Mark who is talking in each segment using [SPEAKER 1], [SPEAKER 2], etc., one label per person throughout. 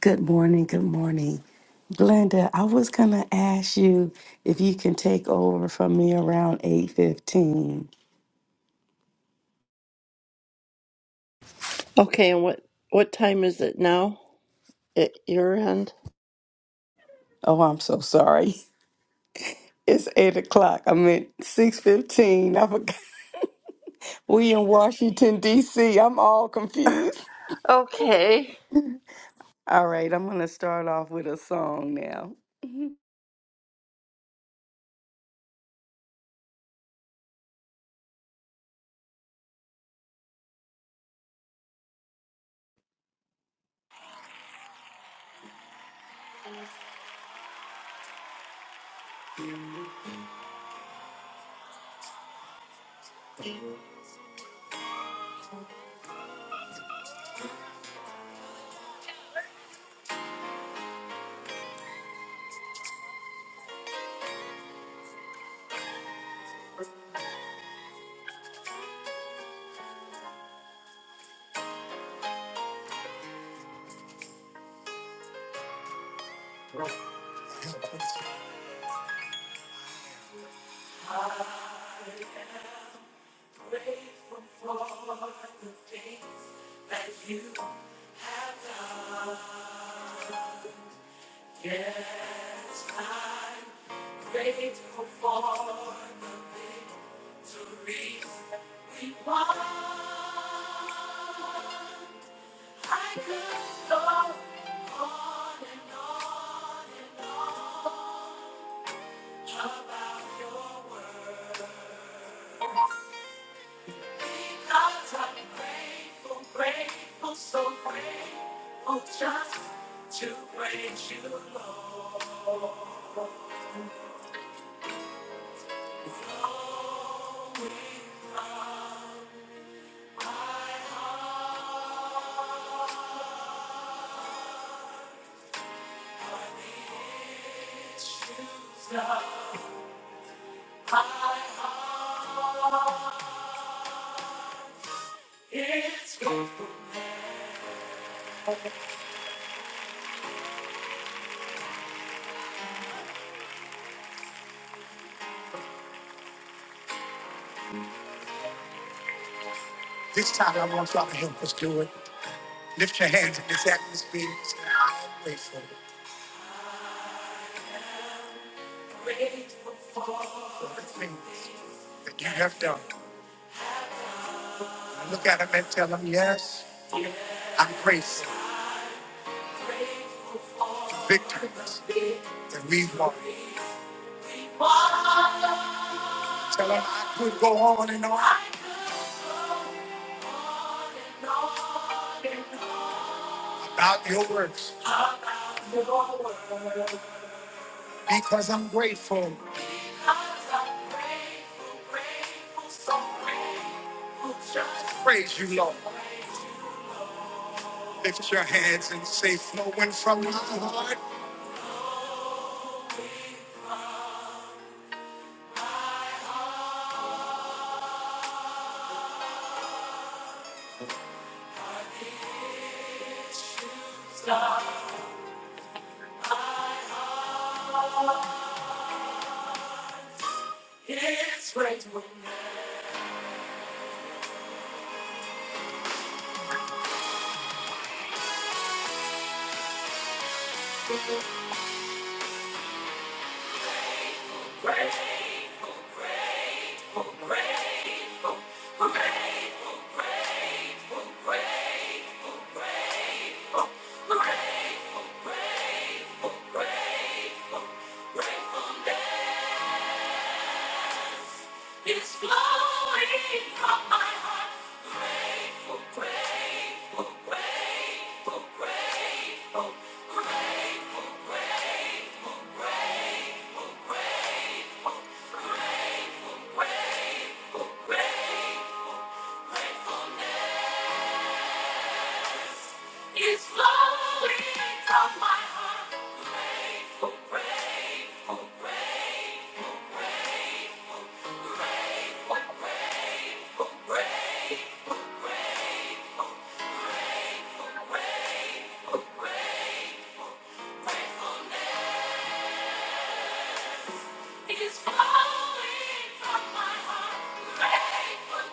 [SPEAKER 1] Good morning. Good morning. Glenda, I was going to ask you if you can take over from me around 8.15.
[SPEAKER 2] Okay, and what what time is it now at your end?
[SPEAKER 1] Oh, I'm so sorry. It's 8 o'clock. i meant 6.15. I forgot. We in Washington, D.C. I'm all confused.
[SPEAKER 2] Okay.
[SPEAKER 1] All right, I'm going to start off with a song now. I'm grateful, grateful, so grateful just to praise you, Lord. This time I want y'all to help us do it. Lift your hands in this atmosphere and say, I'm grateful for the things that you have done. Look at them and tell them, yes, I'm grateful for the victories that we've won. Tell them I could go on and on about your works. because I'm grateful. Because I'm grateful, grateful, so grateful. Just Praise you, Lord. Lift your hands and say, flowing from my heart. It's grateful. Grateful, grateful, grateful, grateful, grateful, grateful, grateful, grateful, gratefulness is flowing from my heart. Oh, oh, oh,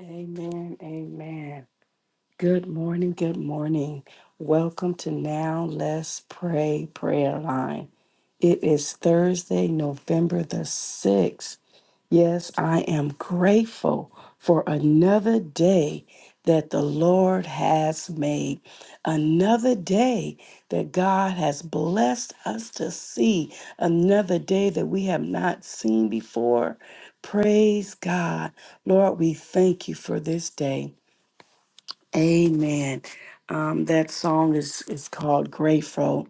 [SPEAKER 1] Amen, amen. Good morning. Good morning. Welcome to Now Let's Pray Prayer Line. It is Thursday, November the 6th. Yes, I am grateful for another day that the Lord has made, another day that God has blessed us to see, another day that we have not seen before. Praise God. Lord, we thank you for this day. Amen. Um, that song is is called Grateful,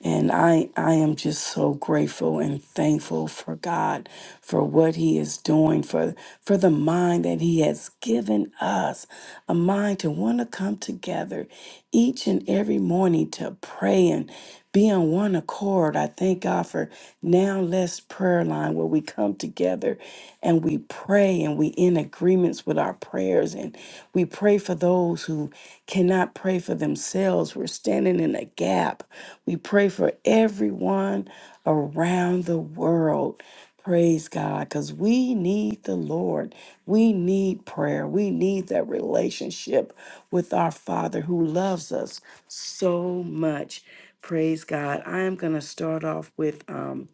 [SPEAKER 1] and I I am just so grateful and thankful for God for what He is doing for for the mind that He has given us, a mind to want to come together each and every morning to pray and be on one accord. I thank God for now less prayer line where we come together and we pray and we in agreements with our prayers and we pray for those who cannot pray for themselves. We're standing in a gap. We pray for everyone around the world. Praise God, because we need the Lord. We need prayer. We need that relationship with our Father who loves us so much. Praise God. I am going to start off with um,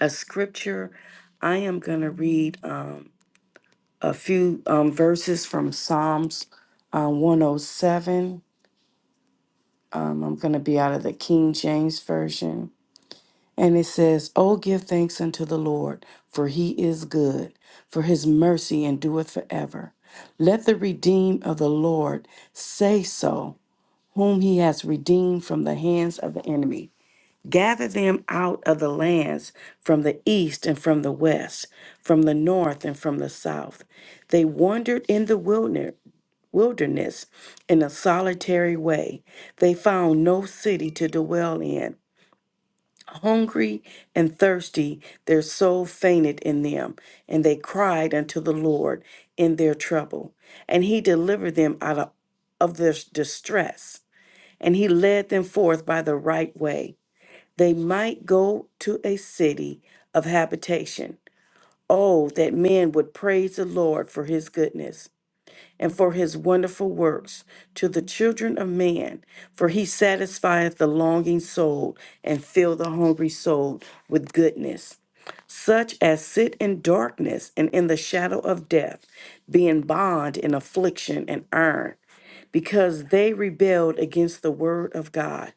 [SPEAKER 1] a scripture. I am going to read a few um, verses from Psalms uh, 107. Um, I'm going to be out of the King James Version. And it says, Oh, give thanks unto the Lord, for he is good, for his mercy endureth forever. Let the redeemed of the Lord say so, whom he has redeemed from the hands of the enemy. Gather them out of the lands from the east and from the west, from the north and from the south. They wandered in the wilderness wilderness in a solitary way. They found no city to dwell in. Hungry and thirsty, their soul fainted in them, and they cried unto the Lord in their trouble. And he delivered them out of, of their distress, and he led them forth by the right way. They might go to a city of habitation. Oh, that men would praise the Lord for his goodness and for his wonderful works to the children of man, for he satisfieth the longing soul and fill the hungry soul with goodness. Such as sit in darkness and in the shadow of death, being bond in affliction and iron, because they rebelled against the word of God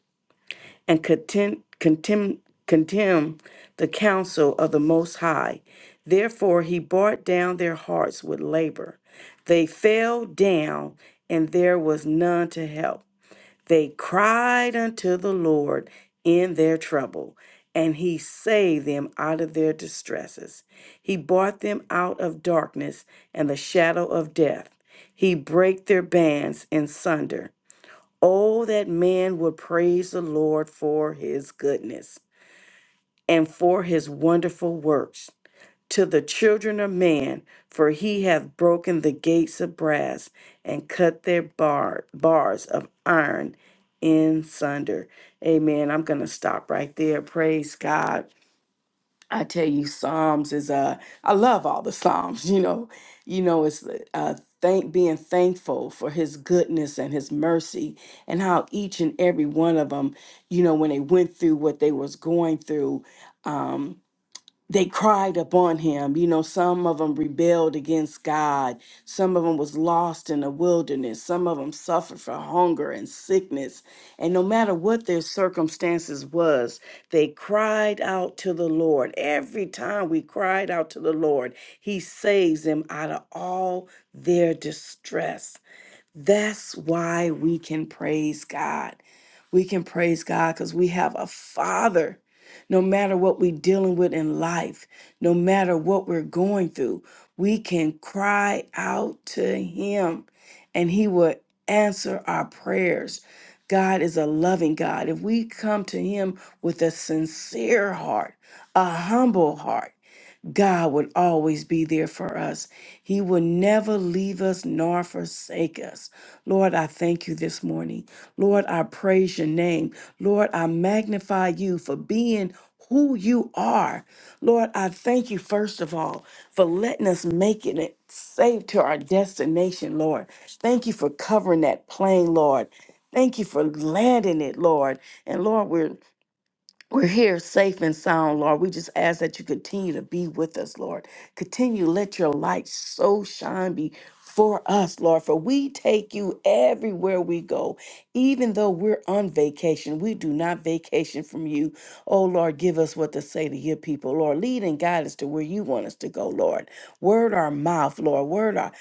[SPEAKER 1] and contemn, contemn, contemn the counsel of the Most High. Therefore, he brought down their hearts with labor. They fell down, and there was none to help. They cried unto the Lord in their trouble, and he saved them out of their distresses. He brought them out of darkness and the shadow of death. He brake their bands in sunder Oh, that man would praise the Lord for his goodness and for his wonderful works to the children of man, for he hath broken the gates of brass and cut their bar, bars of iron in sunder. Amen. I'm going to stop right there. Praise God. I tell you, Psalms is uh I love all the Psalms, you know. You know, it's uh thank being thankful for his goodness and his mercy and how each and every one of them, you know, when they went through what they was going through, um, they cried upon him you know some of them rebelled against god some of them was lost in the wilderness some of them suffered from hunger and sickness and no matter what their circumstances was they cried out to the lord every time we cried out to the lord he saves them out of all their distress that's why we can praise God. We can praise God because we have a Father. No matter what we're dealing with in life, no matter what we're going through, we can cry out to Him and He will answer our prayers. God is a loving God. If we come to Him with a sincere heart, a humble heart, God would always be there for us. He will never leave us nor forsake us. Lord, I thank you this morning. Lord, I praise your name. Lord, I magnify you for being who you are. Lord, I thank you first of all for letting us make it it safe to our destination, Lord. Thank you for covering that plane, Lord. Thank you for landing it, Lord. And Lord, we're we're here safe and sound, Lord. We just ask that you continue to be with us, Lord. Continue, to let your light so shine before us, Lord. For we take you everywhere we go. Even though we're on vacation, we do not vacation from you. Oh, Lord, give us what to say to your people, Lord. Lead and guide us to where you want us to go, Lord. Word our mouth, Lord. Word our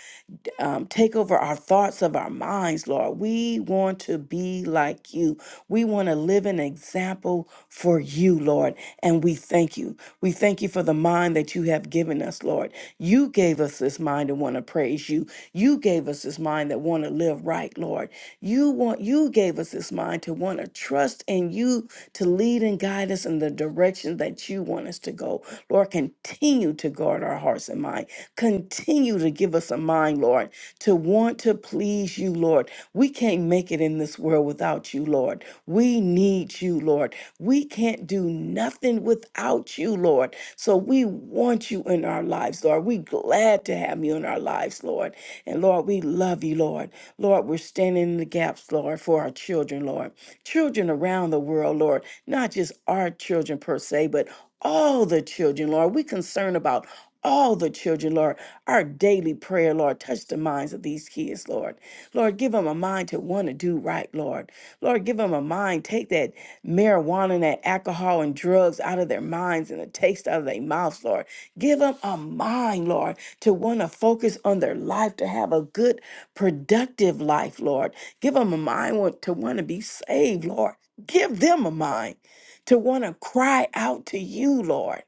[SPEAKER 1] um, take over our thoughts of our minds, Lord. We want to be like you. We want to live an example for you, Lord. And we thank you. We thank you for the mind that you have given us, Lord. You gave us this mind to want to praise you. You gave us this mind that want to live right, Lord. You want you gave us this mind to want to trust in you to lead and guide us in the direction that you want us to go. Lord, continue to guard our hearts and in mind. Continue to give us a mind, Lord, to want to please you, Lord. We can't make it in this world without you, Lord. We need you, Lord. We can't do nothing without you, Lord. So we want you in our lives, Lord. We glad to have you in our lives, Lord. And Lord, we love you, Lord. Lord, we're standing in the gaps, Lord, for our children, Lord. Children around the world, Lord, not just our children per se, but all the children, Lord. We concerned about all the children, Lord. Our daily prayer, Lord, touch the minds of these kids, Lord. Lord, give them a mind to want to do right, Lord. Lord, give them a mind. Take that marijuana and that alcohol and drugs out of their minds and the taste out of their mouths, Lord. Give them a mind, Lord, to want to focus on their life, to have a good, productive life, Lord. Give them a mind want- to want to be saved, Lord. Give them a mind to want to cry out to you, Lord.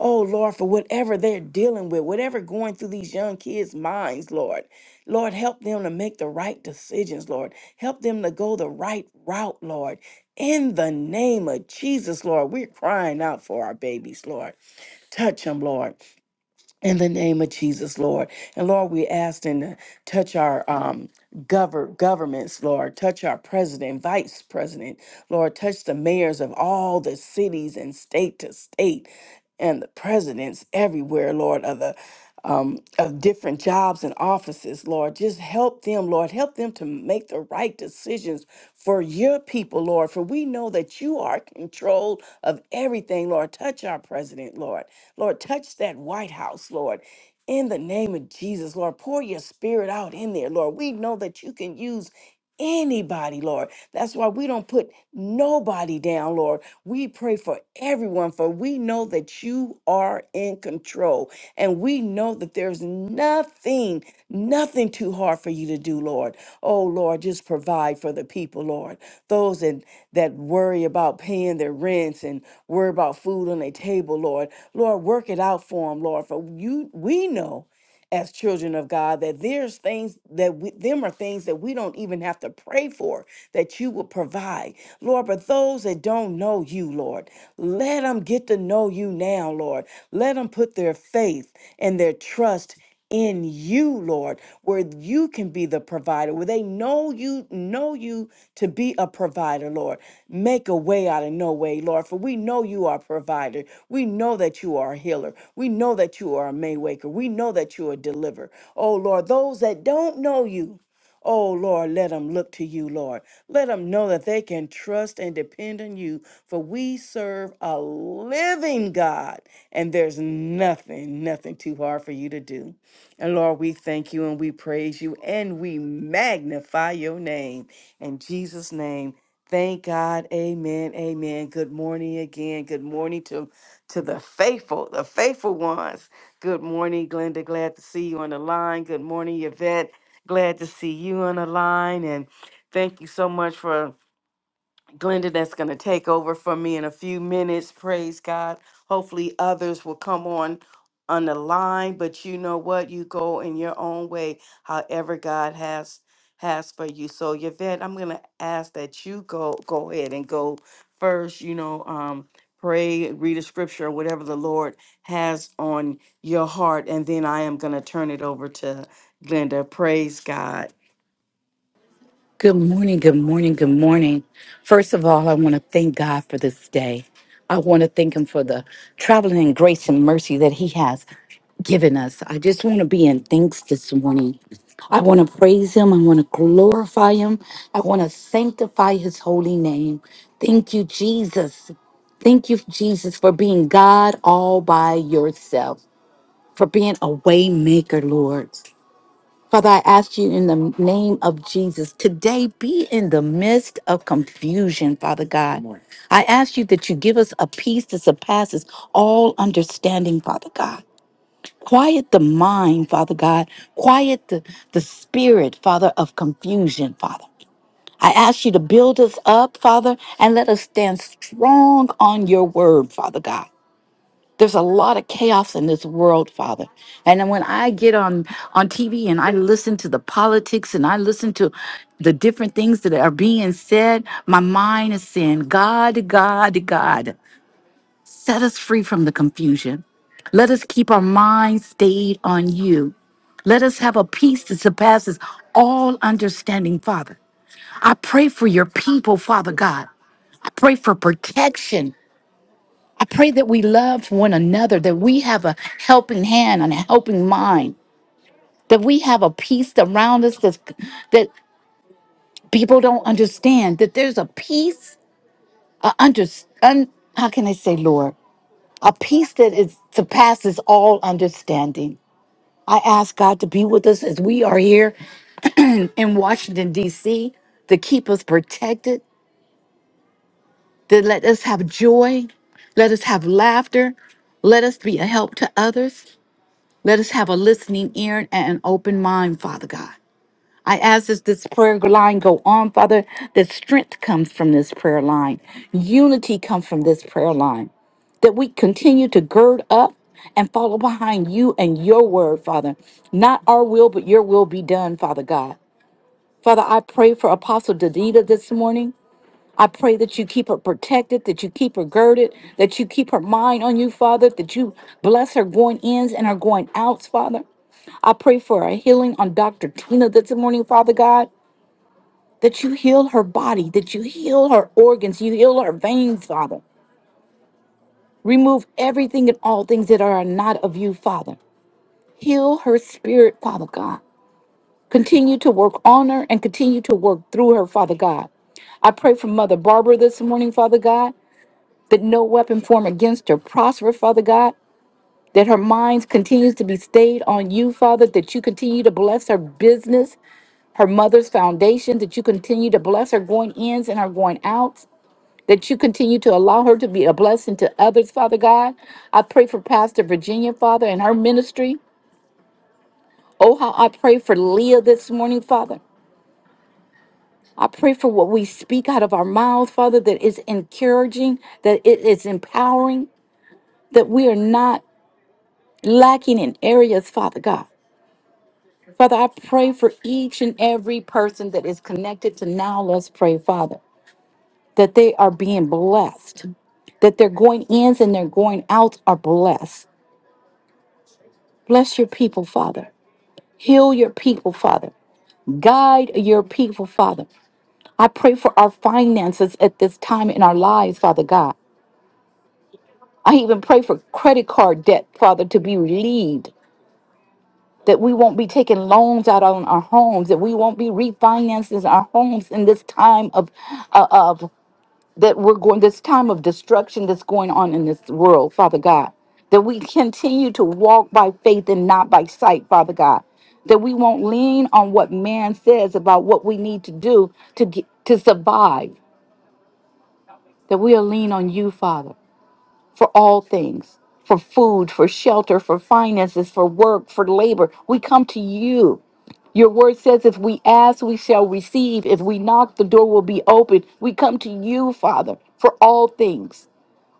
[SPEAKER 1] Oh, Lord, for whatever they're dealing with, whatever going through these young kids' minds, Lord. Lord, help them to make the right decisions, Lord. Help them to go the right route, Lord. In the name of Jesus, Lord, we're crying out for our babies, Lord. Touch them, Lord in the name of Jesus, Lord. And Lord, we ask and to touch our um govern governments, Lord, touch our president, vice president, Lord, touch the mayors of all the cities and state to state and the presidents everywhere, Lord, of the um, of different jobs and offices, Lord. Just help them, Lord. Help them to make the right decisions for your people, Lord. For we know that you are in control of everything, Lord. Touch our president, Lord. Lord, touch that White House, Lord. In the name of Jesus, Lord, pour your spirit out in there, Lord. We know that you can use anybody, Lord. That's why we don't put nobody down, Lord. We pray for everyone, for we know that you are in control. And we know that there's nothing, nothing too hard for you to do, Lord. Oh, Lord, just provide for the people, Lord. Those that, that worry about paying their rents and worry about food on their table, Lord. Lord, work it out for them, Lord. For you, we know as children of God that there's things that we, them are things that we don't even have to pray for that you will provide, Lord. But those that don't know you, Lord, let them get to know you now, Lord. Let them put their faith and their trust in you, Lord, where you can be the provider, where they know you, know you to be a provider, Lord. Make a way out of no way, Lord, for we know you are a provider. We know that you are a healer. We know that you are a maywaker. We know that you are a deliverer. Oh, Lord, those that don't know you, Oh Lord, let them look to you, Lord. Let them know that they can trust and depend on you, for we serve a living God, and there's nothing, nothing too hard for you to do. And Lord, we thank you and we praise you and we magnify your name. In Jesus' name, thank God. Amen. Amen. Good morning again. Good morning to, to the faithful, the faithful ones. Good morning, Glenda. Glad to see you on the line. Good morning, Yvette. Glad to see you on the line. And thank you so much for. Glenda that's going to take over for me in a few minutes. Praise God. Hopefully, others will come on on the line. But you know what? You go in your own way, however God has has for you. So, Yvette, I'm going to ask that you go go ahead and go first. You know, um, pray, read a scripture, or whatever the Lord has on your heart, and then I am going to turn it over to Glenda. Praise God.
[SPEAKER 3] Good morning, good morning, good morning. First of all, I want to thank God for this day. I want to thank Him for the traveling grace and mercy that He has given us. I just want to be in thanks this morning. I want to praise Him. I want to glorify Him. I want to sanctify His holy name. Thank you, Jesus. Thank you, Jesus, for being God all by yourself, for being a waymaker, Lord. Father, I ask you in the name of Jesus today, be in the midst of confusion, Father God. I ask you that you give us a peace that surpasses all understanding, Father God. Quiet the mind, Father God. Quiet the, the spirit, Father, of confusion, Father. I ask you to build us up, Father, and let us stand strong on your word, Father God. There's a lot of chaos in this world, Father. And then when I get on on TV and I listen to the politics and I listen to the different things that are being said, my mind is saying, God, God, God, set us free from the confusion. Let us keep our minds stayed on you. Let us have a peace that surpasses all understanding, Father. I pray for your people, Father God. I pray for protection I pray that we love one another, that we have a helping hand and a helping mind, that we have a peace around us that's, that people don't understand, that there's a peace, a under, un, how can I say, Lord, a peace that is, surpasses all understanding. I ask God to be with us as we are here in Washington, D.C., to keep us protected, to let us have joy, let us have laughter, let us be a help to others. Let us have a listening ear and an open mind, Father God. I ask as this prayer line go on, Father, that strength comes from this prayer line. Unity comes from this prayer line. That we continue to gird up and follow behind you and your word, Father. Not our will, but your will be done, Father God. Father, I pray for Apostle Danita this morning. I pray that you keep her protected, that you keep her girded, that you keep her mind on you, Father, that you bless her going ins and her going outs, Father. I pray for a healing on Dr. Tina this morning, Father God, that you heal her body, that you heal her organs, you heal her veins, Father. Remove everything and all things that are not of you, Father. Heal her spirit, Father God. Continue to work on her and continue to work through her, Father God. I pray for Mother Barbara this morning, Father God. that no weapon formed against her prosper, Father God, that her mind continues to be stayed on you, Father, that you continue to bless her business, her mother's foundation, that you continue to bless her going ins and her going outs. That you continue to allow her to be a blessing to others, Father God. I pray for Pastor Virginia, Father, and her ministry. Oh, how I pray for Leah this morning, Father. I pray for what we speak out of our mouths, Father, that is encouraging, that it is empowering, that we are not lacking in areas, Father God. Father, I pray for each and every person that is connected to Now Let's Pray, Father, that they are being blessed, that their going ins and their going outs are blessed. Bless your people, Father. Heal your people, Father. Guide your people, Father. I pray for our finances at this time in our lives, Father God. I even pray for credit card debt, Father, to be relieved. that we won't be taking loans out on our homes, that we won't be refinancing our homes in this time of, uh, of that we're going, this time of destruction that's going on in this world, Father God. That we continue to walk by faith and not by sight, Father God. That we won't lean on what man says about what we need to do to get, to survive. That we'll lean on you, Father for all things for food, for shelter, for finances, for work, for labor. We come to you. Your word says, if we ask, we shall receive. If we knock, the door will be open. We come to you, Father, for all things.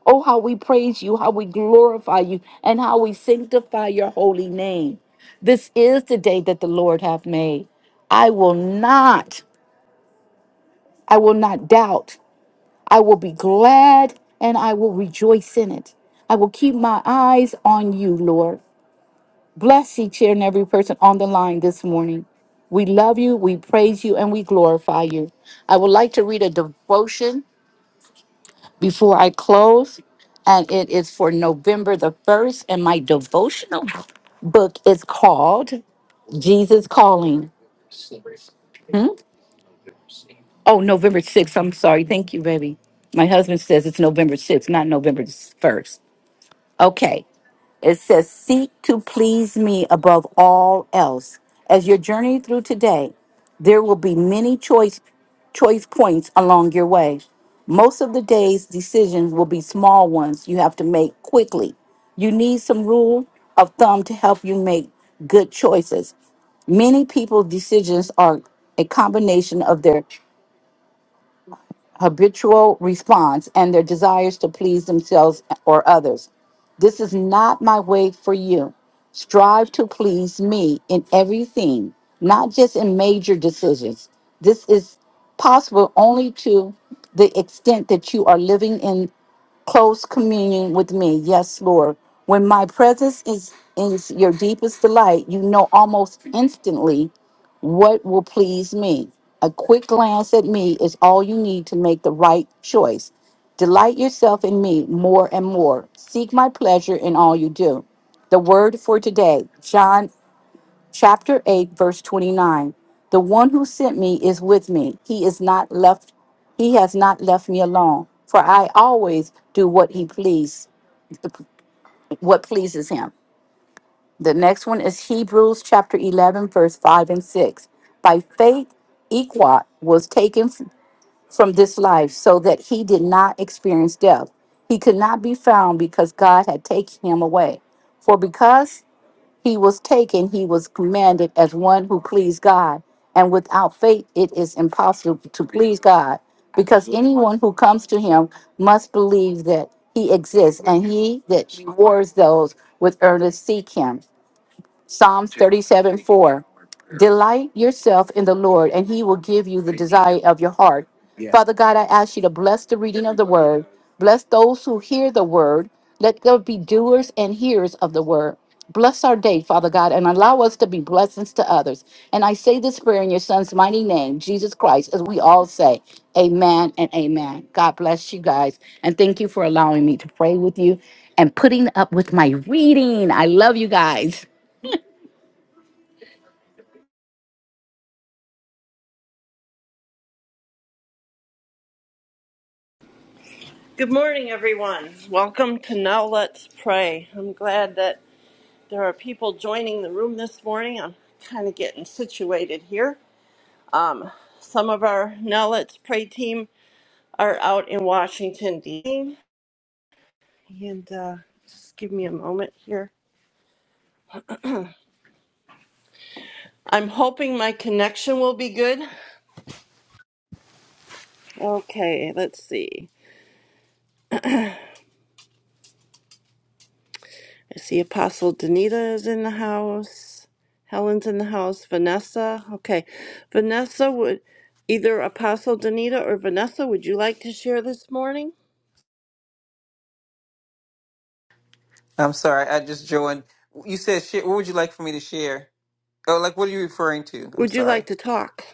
[SPEAKER 3] Oh, how we praise you, how we glorify you, and how we sanctify your holy name. This is the day that the Lord hath made. I will not, I will not doubt. I will be glad and I will rejoice in it. I will keep my eyes on you, Lord. Bless each and every person on the line this morning. We love you, we praise you, and we glorify you. I would like to read a devotion before I close, and it is for November the 1st. And my devotional book is called Jesus Calling. Oh, November 6th. I'm sorry. Thank you, baby. My husband says it's November 6th, not November 1st. Okay. It says, Seek to please me above all else. As your journey through today, there will be many choice, choice points along your way. Most of the day's decisions will be small ones you have to make quickly. You need some rule of thumb to help you make good choices. Many people's decisions are a combination of their habitual response, and their desires to please themselves or others. This is not my way for you. Strive to please me in everything, not just in major decisions. This is possible only to the extent that you are living in close communion with me. Yes, Lord. When my presence is, is your deepest delight, you know almost instantly what will please me? A quick glance at me is all you need to make the right choice. Delight yourself in me more and more. Seek my pleasure in all you do. The word for today, John chapter 8, verse 29. The one who sent me is with me. He is not left, he has not left me alone, for I always do what he please, what pleases him. The next one is Hebrews chapter 11, verse 5 and 6. By faith, Enoch was taken f- from this life so that he did not experience death. He could not be found because God had taken him away. For because he was taken, he was commanded as one who pleased God. And without faith, it is impossible to please God because anyone who comes to him must believe that he exists and he that rewards those with earnest seek him. Psalms 37 4. Delight yourself in the Lord, and he will give you the desire of your heart. Yeah. Father God, I ask you to bless the reading of the word, bless those who hear the word. Let there be doers and hearers of the word. Bless our day, Father God, and allow us to be blessings to others. And I say this prayer in your son's mighty name, Jesus Christ, as we all say, Amen and amen. God bless you guys. And thank you for allowing me to pray with you and putting up with my reading. I love you guys.
[SPEAKER 2] Good morning, everyone. Welcome to Now Let's Pray. I'm glad that there are people joining the room this morning. I'm kind of getting situated here. Um, some of our Now Let's Pray team are out in Washington, D.C. And uh, just give me a moment here. I'm hoping my connection will be good. Okay, let's see. I see Apostle Danita is in the house. Helen's in the house. Vanessa. Okay. Vanessa would either Apostle Danita or Vanessa, would you like to share this morning?
[SPEAKER 4] I'm sorry, I just joined. You said shit. What would you like for me to share? Oh, like what are you referring to? I'm
[SPEAKER 2] Would you like
[SPEAKER 4] sorry.
[SPEAKER 2] to talk?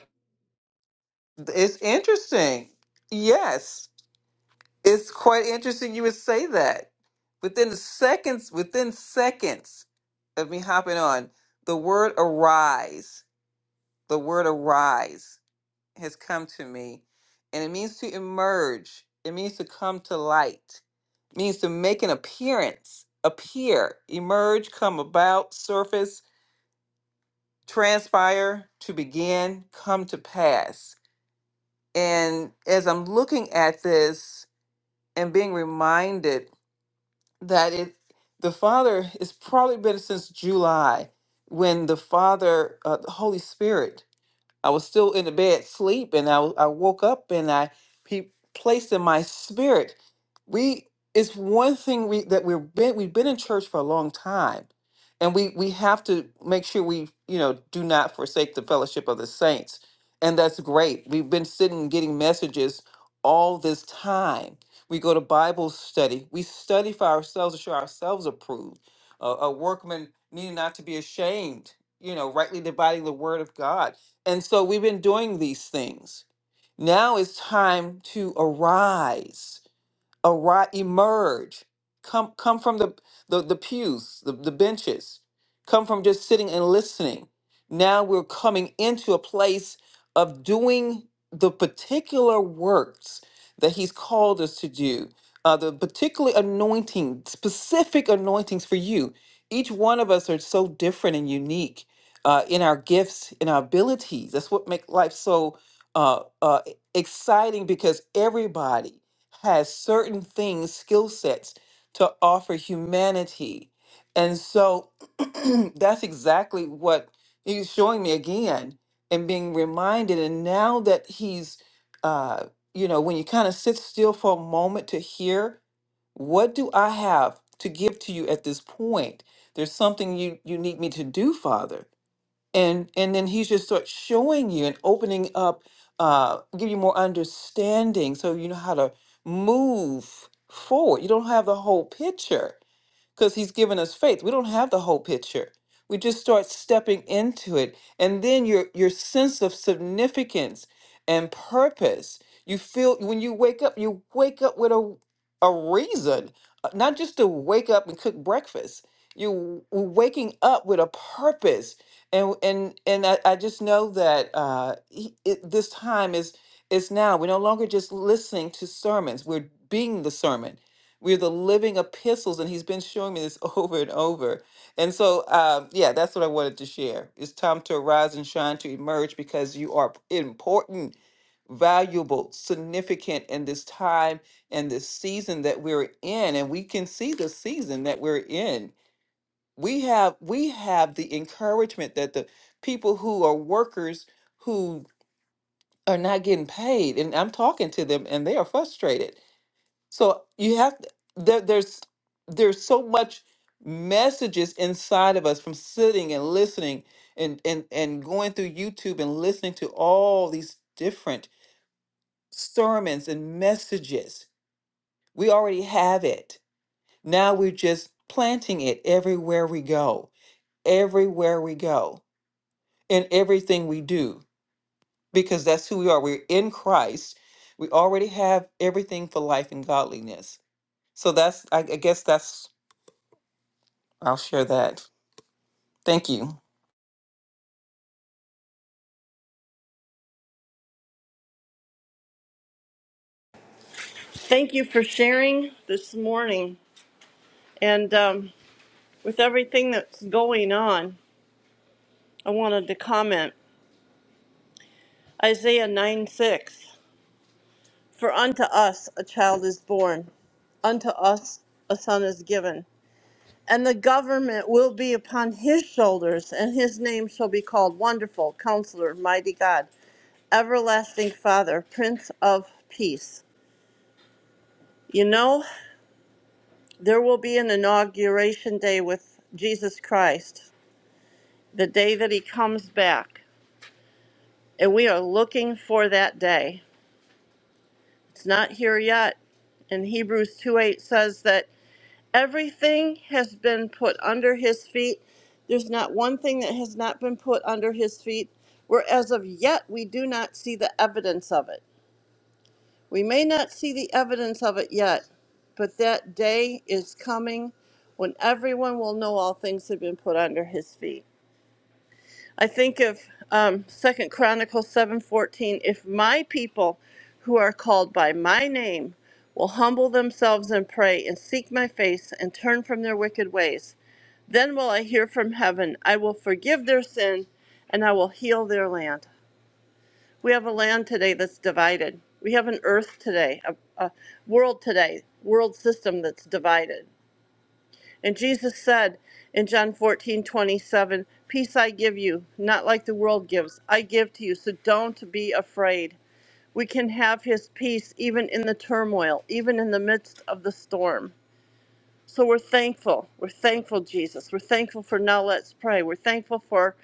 [SPEAKER 4] It's interesting. Yes, it's quite interesting. You would say that within seconds. Within seconds of me hopping on, the word arise. The word arise has come to me, and it means to emerge. It means to come to light. It means to make an appearance, appear, emerge, come about, surface transpire, to begin, come to pass. And as I'm looking at this and being reminded that it, the Father, it's probably been since July when the Father, uh, the Holy Spirit I was still in the bed sleep, and I I woke up and I he placed in my spirit. We it's one thing we that we've been we've been in church for a long time, and we we have to make sure we you know do not forsake the fellowship of the saints, and that's great. We've been sitting and getting messages all this time. We go to Bible study. We study for ourselves to show ourselves approved. A a workman needing not to be ashamed. You know, rightly dividing the word of God and so we've been doing these things. Now it's time to arise. Arise, emerge. Come, come from the, the, the pews, the, the benches. Come from just sitting and listening. Now we're coming into a place of doing the particular works that He's called us to do, uh, the particular anointing, specific anointings for you. Each one of us are so different and unique uh, in our gifts, in our abilities. That's what makes life so uh, uh, exciting because everybody has certain things, skill sets to offer humanity. And so that's exactly what he's showing me again and being reminded. And now that he's, uh, you know, when you kind of sit still for a moment to hear, what do I have to give to you at this point? There's something you, you need me to do, Father and and then he's just sort of showing you and opening up uh give you more understanding so you know how to move forward you don't have the whole picture because he's given us faith. We don't have the whole picture. We just start stepping into it. And then your your sense of significance and purpose. You feel when you wake up, you wake up with a a reason, uh, not just to wake up and cook breakfast. You w- waking up with a purpose, and and and I, I just know that uh, he- it, this time is is now. We're no longer just listening to sermons. We're being the sermon we're the living epistles, and he's been showing me this over and over. And so, um, yeah, that's what I wanted to share. It's time to arise and shine, to emerge, because you are important, valuable, significant in this time and this season that we're in. And we can see the season that we're in. We have we have the encouragement that the people who are workers who are not getting paid, and I'm talking to them, and they are frustrated so you have to, there, there's there's so much messages inside of us from sitting and listening and and and going through YouTube and listening to all these different sermons and messages. We already have it. Now we're just planting it everywhere we go, everywhere we go, in everything we do, because that's who we are. We're in Christ. We already have everything for life and godliness. So that's I, I guess that's I'll share that. Thank you.
[SPEAKER 2] Thank you for sharing this morning. And um, with everything that's going on, I wanted to comment Isaiah 9 6 For unto us a child is born, unto us a son is given and the government will be upon his shoulders, and his name shall be called Wonderful, Counselor, Mighty God, Everlasting Father, Prince of Peace. You know, there will be an inauguration day with Jesus Christ, the day that he comes back, and we are looking for that day. It's not here yet. And Hebrews 2 8 says that Everything has been put under his feet. There's not one thing that has not been put under his feet, where as of yet we do not see the evidence of it. We may not see the evidence of it yet, but that day is coming when everyone will know all things have been put under his feet. I think of um, 2 Chronicles 7:14, if my people who are called by my name will humble themselves and pray and seek my face and turn from their wicked ways, then will I hear from heaven. I will forgive their sin and I will heal their land. We have a land today that's divided. We have an earth today, a, a world today, world system that's divided. And Jesus said in John 14 27, Peace I give you, not like the world gives. I give to you, so don't be afraid. We can have his peace even in the turmoil, even in the midst of the storm. So we're thankful. We're thankful, Jesus. We're thankful for now let's pray. We're thankful for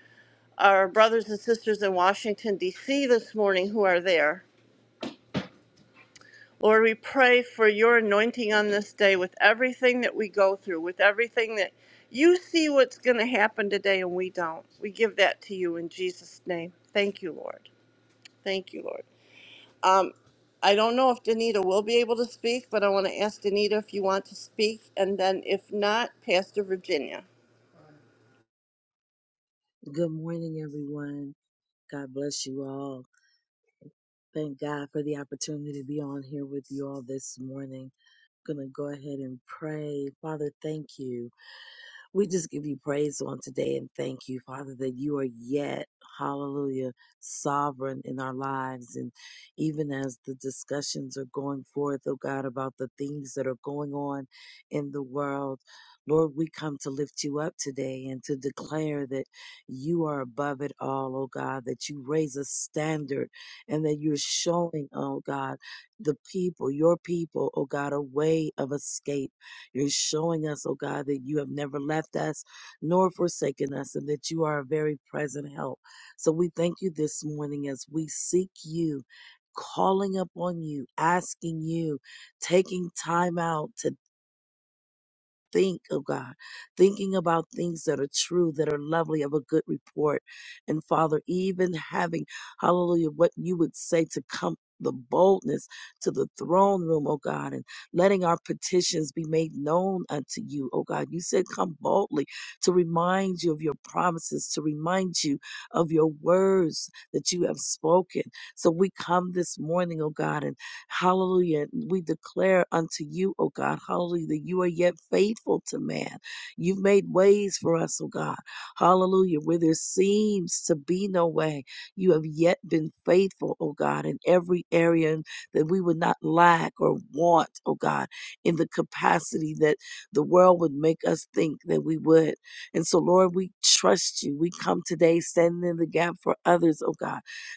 [SPEAKER 2] our brothers and sisters in Washington, D.C. this morning who are there. Lord, we pray for your anointing on this day with everything that we go through, with everything that you see what's going to happen today and we don't. We give that to you in Jesus' name. Thank you, Lord. Thank you, Lord. Um, I don't know if Danita will be able to speak, but I want to ask Danita if you want to speak, and then if not, Pastor Virginia.
[SPEAKER 5] Good morning, everyone. God bless you all. Thank God for the opportunity to be on here with you all this morning. Gonna go ahead and pray. Father, thank you. We just give you praise on today and thank you, Father, that you are yet, hallelujah, sovereign in our lives. And even as the discussions are going forth, oh God, about the things that are going on in the world, Lord, we come to lift you up today and to declare that you are above it all, oh God, that you raise a standard and that you're showing, oh God, the people, your people, oh God, a way of escape you're showing us, oh God, that you have never left us nor forsaken us and that you are a very present help. So we thank you this morning as we seek you. Calling upon you, asking you, taking time out to think, of God, thinking about things that are true, that are lovely, of a good report. And Father, even having, hallelujah, what you would say to come the boldness to the throne room, oh God, and letting our petitions be made known unto you, oh God. You said, Come boldly to remind you of your promises, to remind you of your words that you have spoken. So we come this morning, oh God, and. Hallelujah. We declare unto you, O God, hallelujah, that you are yet faithful to man. You've made ways for us, O God. Hallelujah. Where there seems to be no way, you have yet been faithful, O God, in every area and that we would not lack or want, O God, in the capacity that the world would make us think that we would. And so, Lord, we trust you. We come today standing in the gap for others, O God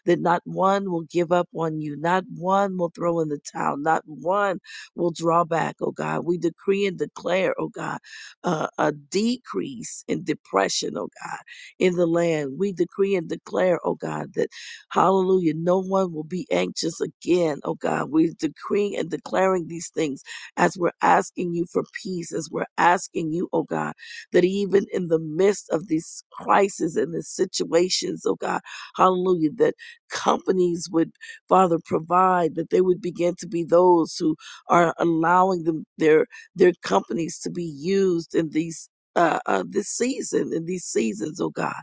[SPEAKER 5] that not one will give up on you, not one will throw in the towel, not one will draw back, oh God. We decree and declare, oh God, uh, a decrease in depression, oh God, in the land. We decree and declare, oh God, that hallelujah, no one will be anxious again, oh God. We decree and declaring these things as we're asking you for peace, as we're asking you, oh God, that even in the midst of these crises and the situations, oh God, hallelujah, that companies would, Father, provide, that they would begin to be those who are allowing them their their companies to be used in these uh, uh, this season, in these seasons, oh God,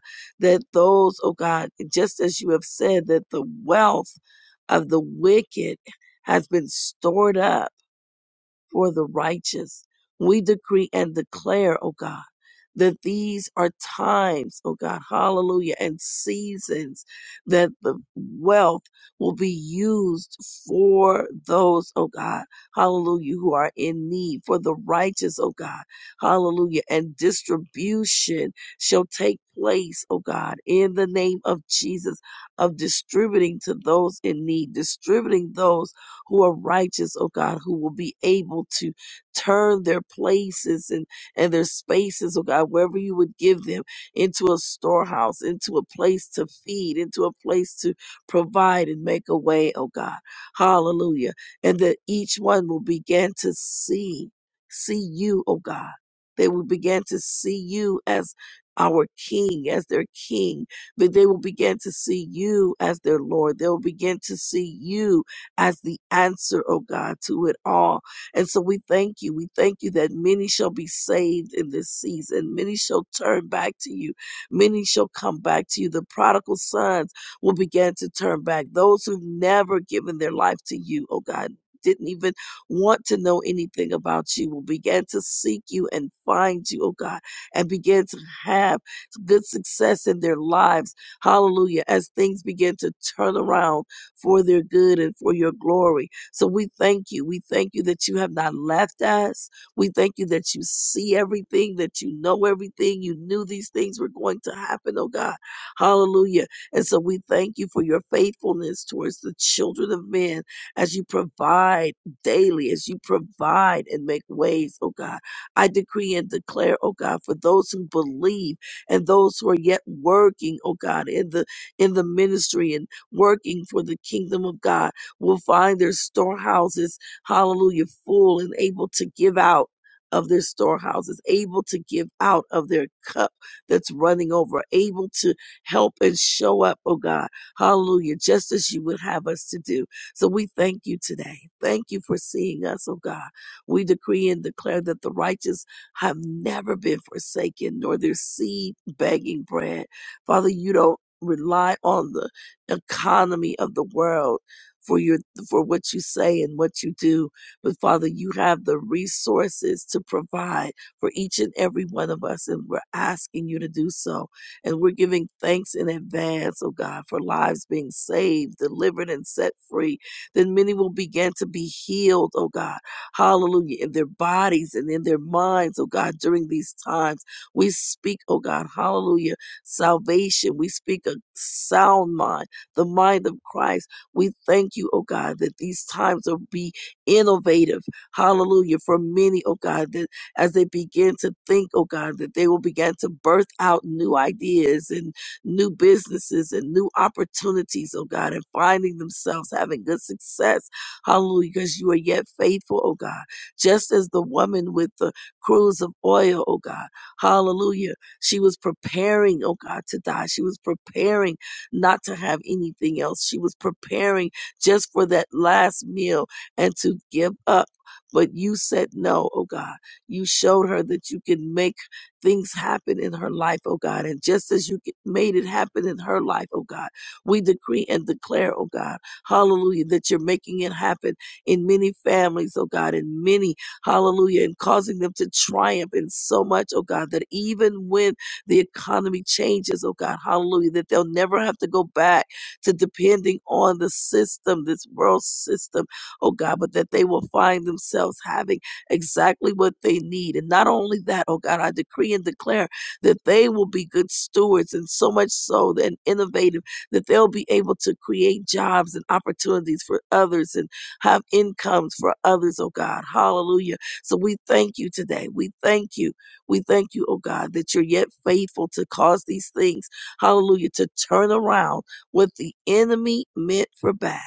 [SPEAKER 5] that those, oh God, just as you have said, that the wealth of the wicked has been stored up for the righteous. We decree and declare, oh God, that these are times, oh God, hallelujah, and seasons that the wealth will be used for those, oh God, hallelujah, who are in need, for the righteous, oh God, hallelujah, and distribution shall take place, oh God, in the name of Jesus, of distributing to those in need, distributing those who are righteous, oh God, who will be able to turn their places and, and their spaces, oh God, wherever you would give them into a storehouse, into a place to feed, into a place to provide and make a way, oh God. Hallelujah. And that each one will begin to see, see you, oh God. They will begin to see you as our king, as their king, that they will begin to see you as their Lord. They will begin to see you as the answer, oh God, to it all. And so we thank you. We thank you that many shall be saved in this season. Many shall turn back to you. Many shall come back to you. The prodigal sons will begin to turn back. Those who've never given their life to you, oh God, didn't even want to know anything about you will begin to seek you and find you, oh God, and begin to have good success in their lives. Hallelujah. As things begin to turn around for their good and for your glory. So we thank you. We thank you that you have not left us. We thank you that you see everything, that you know everything. You knew these things were going to happen, oh God. Hallelujah. And so we thank you for your faithfulness towards the children of men as you provide daily, as you provide and make ways, oh God. I decree and declare, oh God, for those who believe and those who are yet working, oh God, in the in the ministry and working for the kingdom of God will find their storehouses, hallelujah, full and able to give out of their storehouses, able to give out of their cup that's running over, able to help and show up, oh God, hallelujah, just as you would have us to do. So we thank you today. Thank you for seeing us, oh God. We decree and declare that the righteous have never been forsaken, nor their seed begging bread. Father, you don't rely on the economy of the world for your for what you say and what you do but father you have the resources to provide for each and every one of us and we're asking you to do so and we're giving thanks in advance oh god for lives being saved delivered and set free then many will begin to be healed oh god hallelujah in their bodies and in their minds oh god during these times we speak oh god hallelujah salvation we speak a sound mind the mind of Christ. We thank you, oh God, that these times will be innovative. Hallelujah. For many, oh God, that as they begin to think, oh God, that they will begin to birth out new ideas and new businesses and new opportunities, oh God, and finding themselves having good success. Hallelujah. Because you are yet faithful, oh God. Just as the woman with the cruise of oil, oh God. Hallelujah. She was preparing, oh God, to die. She was preparing not to have anything else. She was preparing just for that last meal and to give up. But you said no, oh God. You showed her that you can make things happen in her life, oh God. And just as you made it happen in her life, oh God, we decree and declare, oh God, hallelujah, that you're making it happen in many families, oh God, in many, hallelujah, and causing them to triumph in so much, oh God, that even when the economy changes, oh God, hallelujah, that they'll never have to go back to depending on the system, this world system, oh God, but that they will find themselves having exactly what they need. And not only that, oh God, I decree and declare that they will be good stewards and so much so and innovative that they'll be able to create jobs and opportunities for others and have incomes for others, oh God. Hallelujah. So we thank you today. We thank you we thank you, oh God, that you're yet faithful to cause these things, hallelujah, to turn around what the enemy meant for bad.